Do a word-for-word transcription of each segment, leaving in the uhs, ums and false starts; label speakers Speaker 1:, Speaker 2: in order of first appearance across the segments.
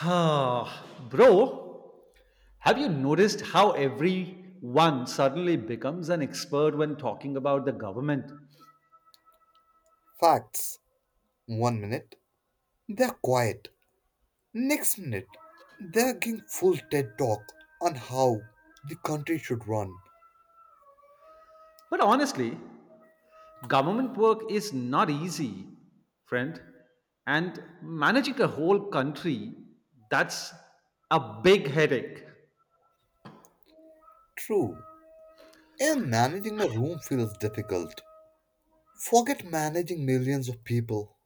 Speaker 1: Bro, have you noticed how everyone suddenly becomes an expert when talking about the government?
Speaker 2: Facts. One minute, they're quiet. Next minute, they're giving full TED talk on how the country should run.
Speaker 1: But honestly, government work is not easy, friend. And managing a whole country, that's a big headache.
Speaker 2: True. And managing a room feels difficult. Forget managing millions of people.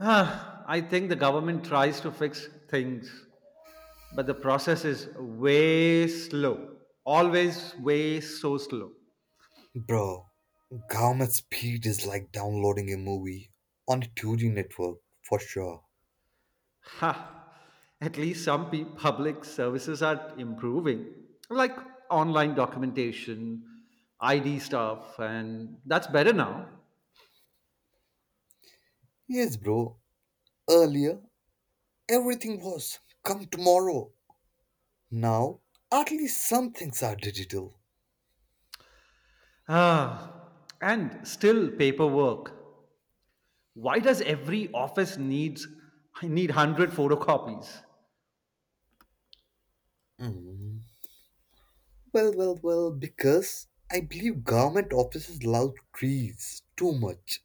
Speaker 1: Ah, I think the government tries to fix things, but the process is way slow. Always way so slow.
Speaker 2: Bro, government speed is like downloading a movie on a two G network, for sure.
Speaker 1: Ha! At least some pe- public services are improving, like online documentation, I D stuff, and that's better now.
Speaker 2: Yes, bro. Earlier, everything was come tomorrow. Now, at least some things are digital.
Speaker 1: Ah, and still paperwork. Why does every office needs need hundred photocopies,
Speaker 2: Mhm. Well, well, well, because I believe government offices love trees too much.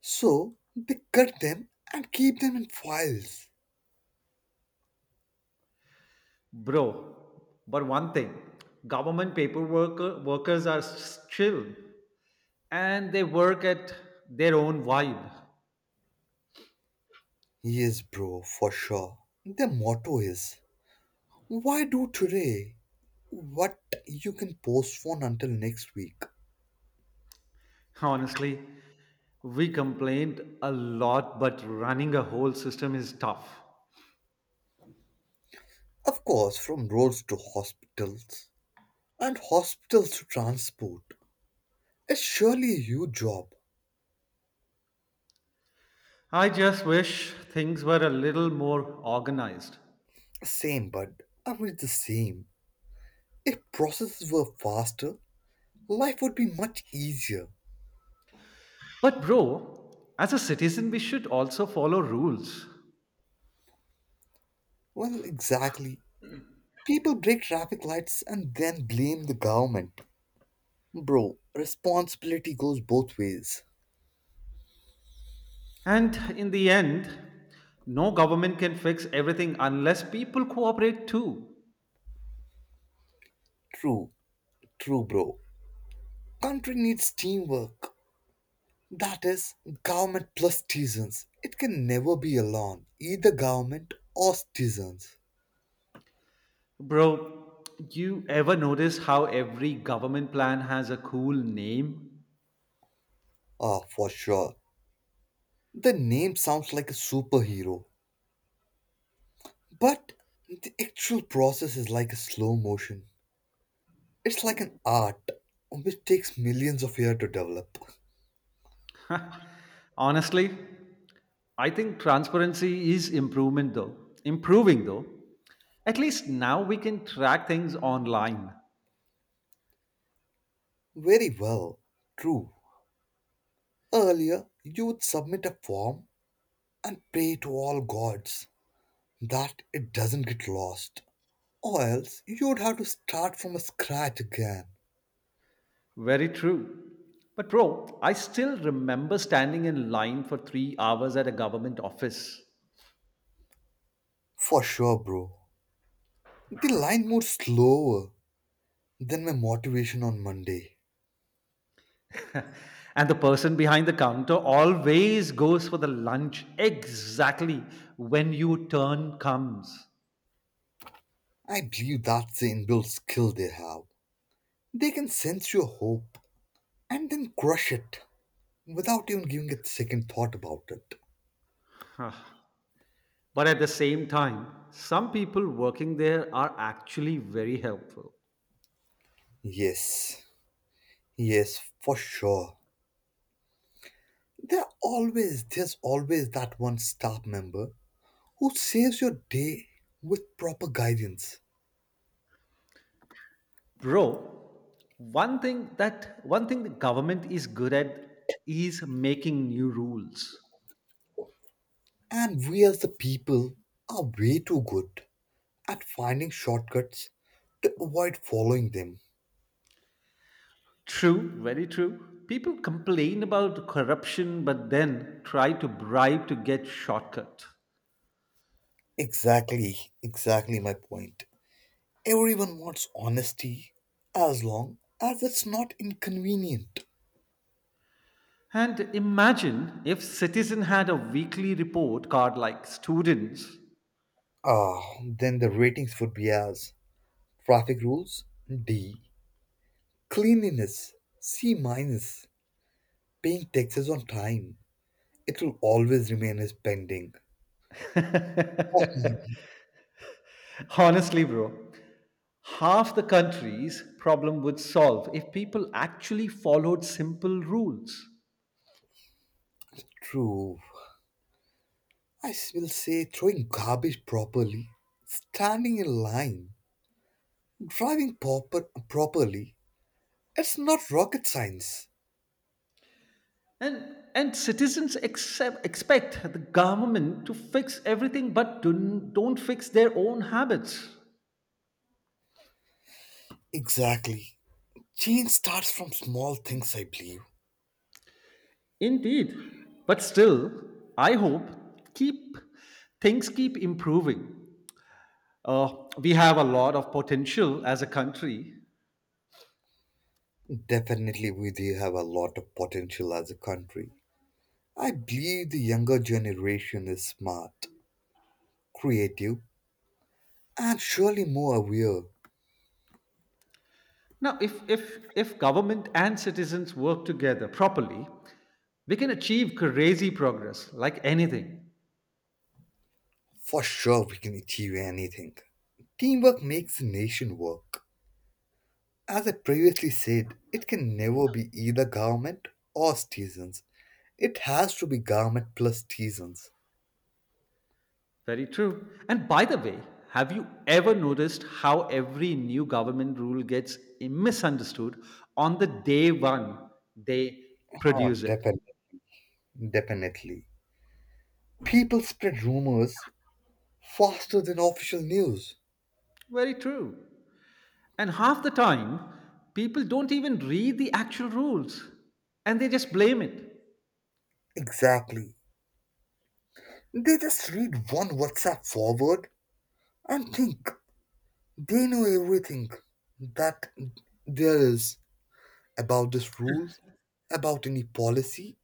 Speaker 2: So they cut them and keep them in files.
Speaker 1: bro? But one thing, government paperwork workers are s- chill, and they work at their own vibe.
Speaker 2: Yes, bro, for sure. Their motto is why do today what you can postpone until next week?
Speaker 1: Honestly, we complained a lot, but running a whole system is tough.
Speaker 2: Of course, from roads to hospitals and hospitals to transport. It's surely a huge job.
Speaker 1: I just wish things were a little more organized.
Speaker 2: Same, bud. I mean, it's the same. If processes were faster, life would be much easier.
Speaker 1: But, bro, as a citizen, we should also follow rules.
Speaker 2: Well, exactly. People break traffic lights and then blame the government. Bro, responsibility goes both ways.
Speaker 1: And in the end, no government can fix everything unless people cooperate too.
Speaker 2: True, true, bro. Country needs teamwork. That is, government plus citizens. It can never be alone, either government or citizens.
Speaker 1: Bro, you ever notice how every government plan has a cool name?
Speaker 2: Ah, for sure. The name sounds like a superhero, but the actual process is like a slow motion. It's like an art which takes millions of years to develop.
Speaker 1: Honestly, I think transparency is improvement though, improving though. At least now we can track things online.
Speaker 2: Very well, true. Earlier, you would submit a form and pray to all gods that it doesn't get lost, or else you would have to start from scratch again.
Speaker 1: Very true. But bro, I still remember standing in line for three hours at a government office.
Speaker 2: For sure, bro. The line moves slower than my motivation on Monday.
Speaker 1: And the person behind the counter always goes for the lunch exactly when your turn comes.
Speaker 2: I believe that's the inbuilt skill they have. They can sense your hope and then crush it without even giving it a second thought about it.
Speaker 1: Huh. But at the same time, some people working there are actually very helpful.
Speaker 2: Yes, yes, for sure. There are always there's always that one staff member who saves your day with proper guidance.
Speaker 1: Bro, one thing that one thing the government is good at is making new rules.
Speaker 2: And we as the people are way too good at finding shortcuts to avoid following them.
Speaker 1: True, very true. People complain about corruption but then try to bribe to get shortcut.
Speaker 2: Exactly, exactly my point. Everyone wants honesty as long as it's not inconvenient.
Speaker 1: And imagine if citizen had a weekly report card like students.
Speaker 2: Ah, then the ratings would be as traffic rules D, cleanliness C minus, paying taxes on time. It will always remain as pending. Mhm.
Speaker 1: Honestly, bro, half the country's problem would solve if people actually followed simple rules.
Speaker 2: True. I s- will say throwing garbage properly, standing in line, driving proper properly. It's not rocket science.
Speaker 1: And, and citizens accept, expect the government to fix everything but do, don't fix their own habits.
Speaker 2: Exactly. Change starts from small things, I believe.
Speaker 1: Indeed. But still, I hope keep things keep improving. Uh, we have a lot of potential as a country.
Speaker 2: Definitely, we do have a lot of potential as a country. I believe the younger generation is smart, creative, and surely more aware.
Speaker 1: Now, if, if, if government and citizens work together properly, we can achieve crazy progress like anything.
Speaker 2: For sure, we can achieve anything. Teamwork makes the nation work. As I previously said, it can never be either government or citizens. It has to be government plus citizens.
Speaker 1: Very true. And by the way, have you ever noticed how every new government rule gets misunderstood on the day one they
Speaker 2: Oh,
Speaker 1: produce it?
Speaker 2: definitely. Definitely. People spread rumors faster than official news.
Speaker 1: Very true. And half the time, people don't even read the actual rules and they just blame it.
Speaker 2: Exactly. They just read one WhatsApp forward and think they know everything that there is about this rule, about any policy,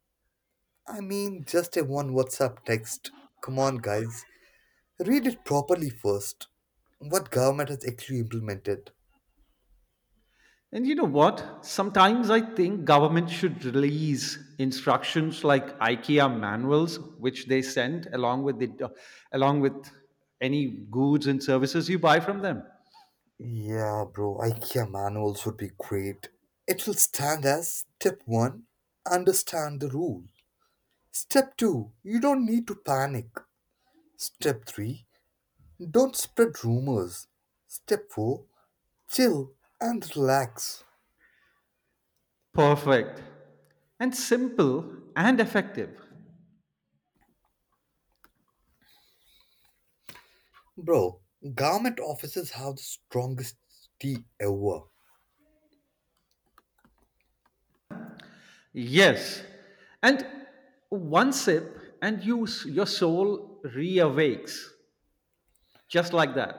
Speaker 2: I mean, just a one WhatsApp text. Come on, guys. Read it properly first. What government has actually implemented?
Speaker 1: And you know what? Sometimes I think government should release instructions like IKEA manuals, which they send along with the along with any goods and services you buy from them.
Speaker 2: Yeah, bro, IKEA manuals would be great. It will stand as step one: understand the rule. Step two: you don't need to panic. Step three: don't spread rumors. Step four: chill and relax.
Speaker 1: Perfect. And simple and effective.
Speaker 2: Bro, government offices have the strongest tea ever.
Speaker 1: Yes. And one sip and you your soul reawakes just like that.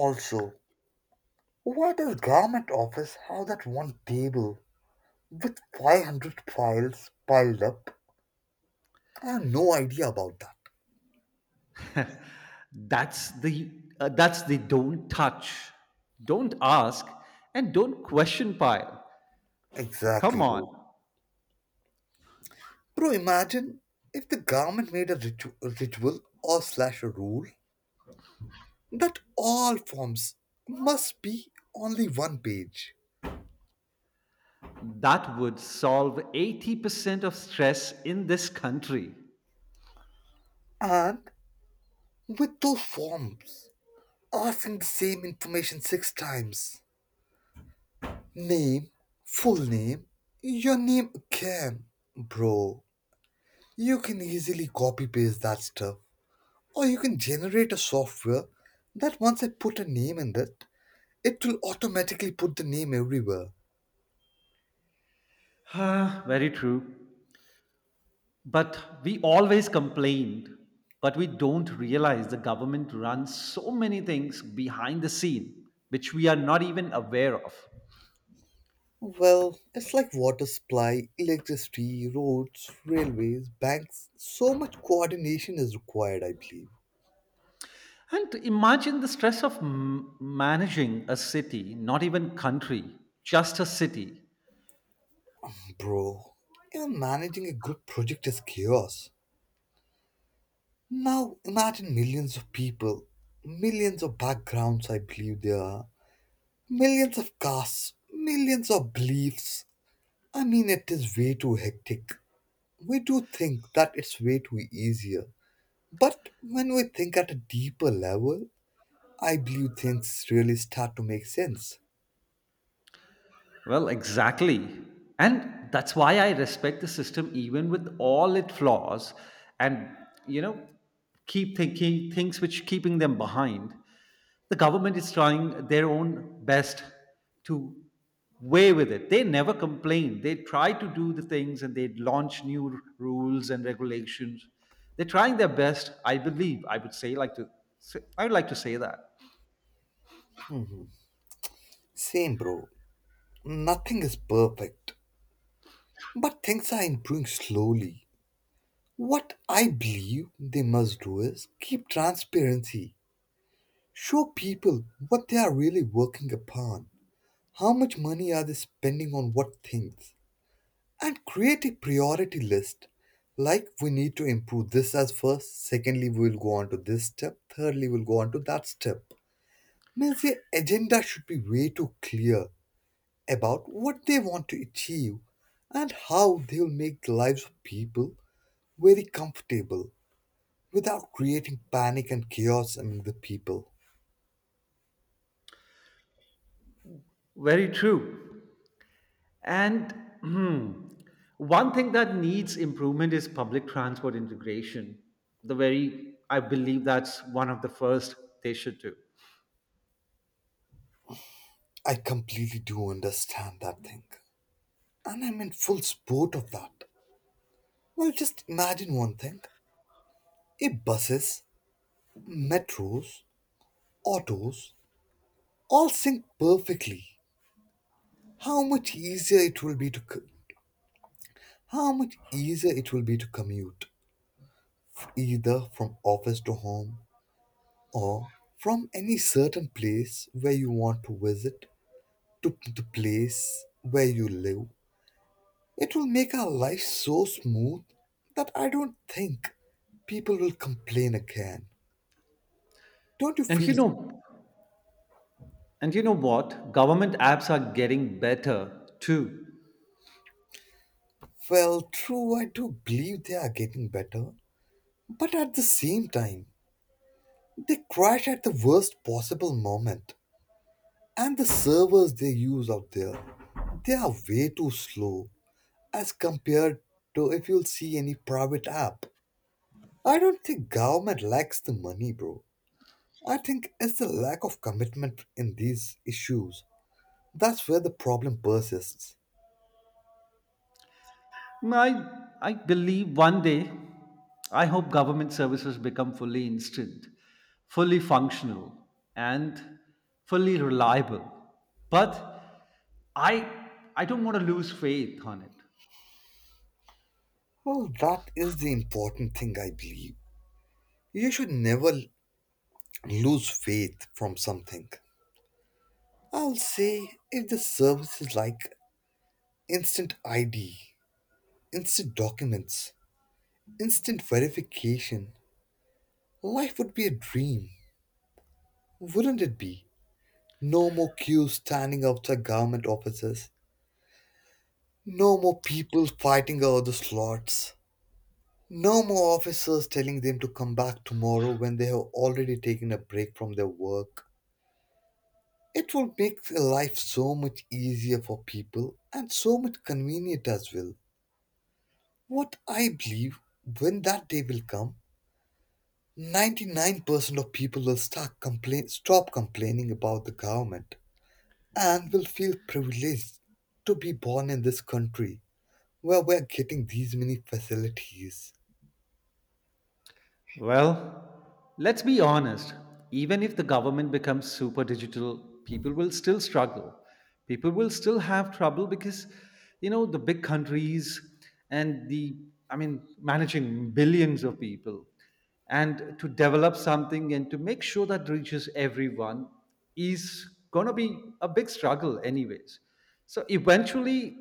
Speaker 2: Also, why does government office have that one table with five hundred files piled up? I have no idea about that.
Speaker 1: That's the uh, that's the don't touch, don't ask and don't question pile. Come
Speaker 2: Exactly, bro.
Speaker 1: on.
Speaker 2: Bro, imagine if the government made a ritu- a ritual or slash a rule that all forms must be only one page.
Speaker 1: That would solve eighty percent of stress in this country.
Speaker 2: And with those forms asking the same information six times. Name, full name, your name again. Bro, you can easily copy paste that stuff, or you can generate a software that once I put a name in it, it will automatically put the name everywhere.
Speaker 1: Ah, very true. But we always complained, but we don't realize the government runs so many things behind the scene, which we are not even aware of.
Speaker 2: Well, it's like water supply, electricity, roads, railways, banks. So much coordination is required, I believe.
Speaker 1: And imagine the stress of m- managing a city, not even country, just a city.
Speaker 2: Bro, even managing a group project is chaos. Now imagine millions of people, millions of backgrounds, I believe there are, millions of castes, millions of beliefs, I mean, it is way too hectic. We do think that it's way too easier. But when we think at a deeper level, I believe things really start to make sense.
Speaker 1: Well, exactly. And that's why I respect the system even with all its flaws and, you know, keep thinking things which keeping them behind. The government is trying their own best to way with it. They never complain. They try to do the things and they launch new r- rules and regulations. They're trying their best, I believe. I would say like to say- I would like to say that.
Speaker 2: Same, bro. Nothing is perfect. But things are improving slowly. What I believe they must do is keep transparency. Show people what they are really working upon. How much money are they spending on what things? And create a priority list, like, we need to improve this as first. Secondly, we will go on to this step. Thirdly, we'll go on to that step. Means the agenda should be way too clear about what they want to achieve, and how they will make the lives of people very comfortable without creating panic and chaos among the people.
Speaker 1: Very true. And hmm, one thing that needs improvement is public transport integration. The very, I believe that's one of the first they should do.
Speaker 2: I completely do understand that thing, and I'm in full support of that. Well, just imagine one thing. If buses, metros, autos, all sync perfectly. How much easier it will be to co- how much easier it will be to commute, either from office to home or from any certain place where you want to visit to the place where you live. It will make our life so smooth that I don't think people will complain again. Don't you
Speaker 1: And you
Speaker 2: feel?
Speaker 1: know, and you know what? Government apps are getting better too.
Speaker 2: Well, true, I do believe they are getting better. But at the same time, they crash at the worst possible moment. And the servers they use out there, they are way too slow as compared to if you'll see any private app. I don't think government lacks the money, bro. I think it's the lack of commitment in these issues. That's where the problem persists.
Speaker 1: I, I believe one day, I hope government services become fully instant, fully functional, and fully reliable. But I, I don't want to lose faith on it.
Speaker 2: Well, that is the important thing, I believe. You should never l- lose faith from something. I'll say if the service is like instant I D, instant documents, instant verification. Life would be a dream, wouldn't it be? No more queues standing outside government offices. No more people fighting over the slots. No more officers telling them to come back tomorrow when they have already taken a break from their work. It will make life so much easier for people and so much convenient as well. What I believe when that day will come, ninety-nine percent of people will start complain, stop complaining about the government and will feel privileged to be born in this country where we're getting these many facilities.
Speaker 1: Well, let's be honest. Even if the government becomes super digital, people will still struggle. People will still have trouble because, you know, the big countries and the, I mean, managing billions of people and to develop something and to make sure that reaches everyone is going to be a big struggle, anyways. So eventually,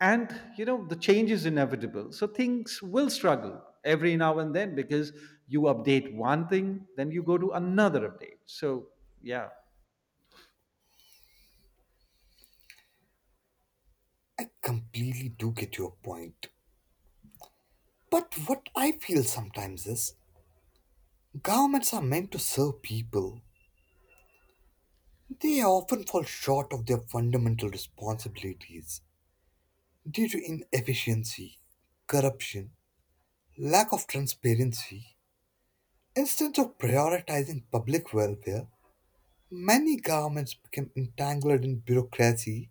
Speaker 1: and you know the change is inevitable so things will struggle every now and then because you update one thing then you go to another update so yeah
Speaker 2: I completely do get your point. But what I feel sometimes is governments are meant to serve people. They often fall short of their fundamental responsibilities due to inefficiency, corruption, lack of transparency. Instead of prioritizing public welfare, many governments became entangled in bureaucracy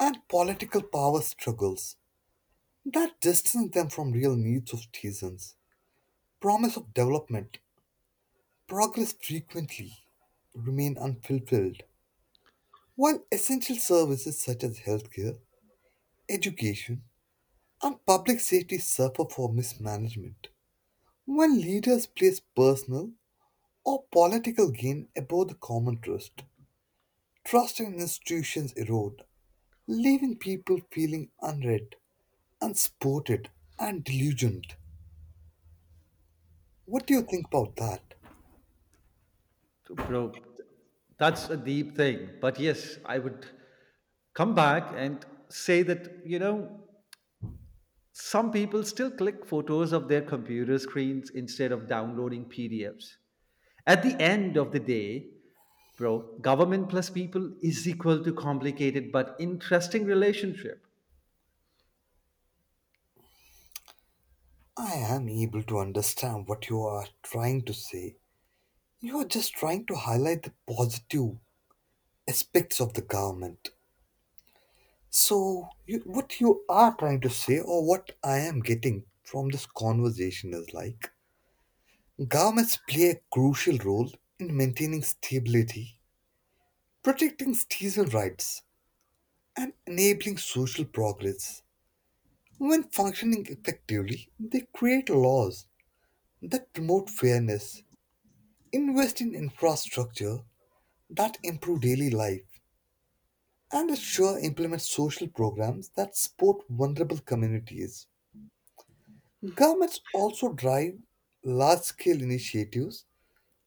Speaker 2: and political power struggles that distance them from real needs of citizens. Promise of development, progress frequently remain unfulfilled, while essential services such as healthcare, education, and public safety suffer for mismanagement. When leaders place personal or political gain above the common trust, trust in institutions erode, leaving people feeling unread, unsupported, and delusioned. What do you think about that?
Speaker 1: bro that's a deep thing but yes I would come back and say that you know some people still click photos of their computer screens instead of downloading P D Fs. At the end of the day, bro, government plus people is equal to complicated but interesting relationship.
Speaker 2: I am able to understand what you are trying to say. You are just trying to highlight the positive aspects of the government. So, you, what you are trying to say, or what I am getting from this conversation, is like governments play a crucial role in maintaining stability, protecting citizen rights, and enabling social progress. When functioning effectively, they create laws that promote fairness, invest in infrastructure that improve daily life, and assure implement social programs that support vulnerable communities. Governments also drive large scale initiatives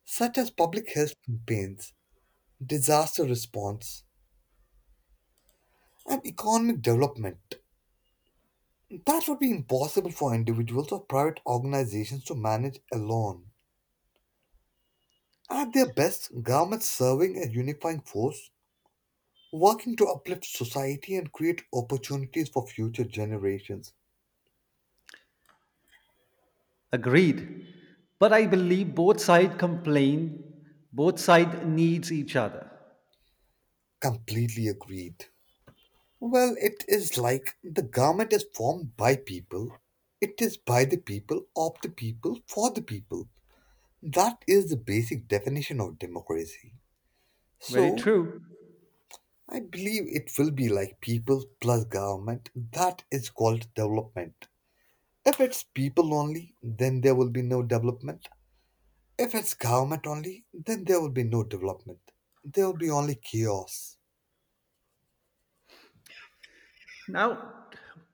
Speaker 2: such as public health campaigns, disaster response, and economic development that would be impossible for individuals or private organizations to manage alone. At their best, governments serving a unifying force, working to uplift society and create opportunities for future generations.
Speaker 1: Agreed. But I believe both side complain, both side needs each other.
Speaker 2: Completely agreed. Well, it is like the government is formed by people, it is by the people, of the people, for the people. That is the basic definition of democracy.
Speaker 1: Very
Speaker 2: So,
Speaker 1: true.
Speaker 2: I believe it will be like people plus government. That is called development. If it's people only, then there will be no development. If it's government only, then there will be no development. There will be only chaos.
Speaker 1: Now,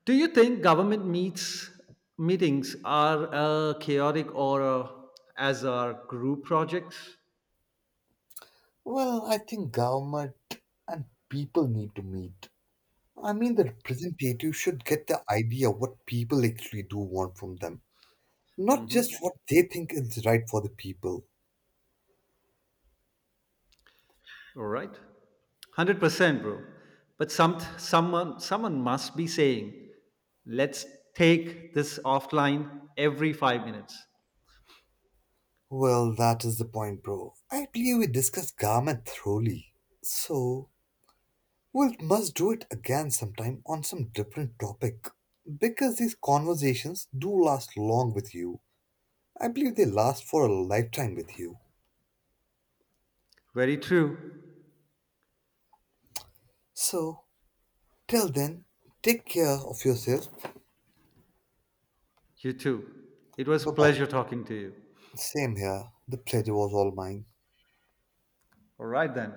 Speaker 1: do you think government meets meetings are uh, chaotic or uh, as are group projects?
Speaker 2: Well, I think government and people need to meet. I mean, the representative should get the idea what people actually do want from them, not just
Speaker 1: hmm
Speaker 2: what they think is right for the people.
Speaker 1: All right. one hundred percent, bro. But some someone someone must be saying, "Let's take this offline every five minutes."
Speaker 2: Well, that is the point, bro. I believe we discussed garment thoroughly. So, we must do it again sometime on some different topic. Because these conversations do last long with you. I believe they last for a lifetime with you.
Speaker 1: Very true.
Speaker 2: So, till then, take care of yourself.
Speaker 1: You too. It was
Speaker 2: Bye
Speaker 1: pleasure
Speaker 2: bye.
Speaker 1: talking to you.
Speaker 2: Same here. The pleasure was all mine.
Speaker 1: All right then.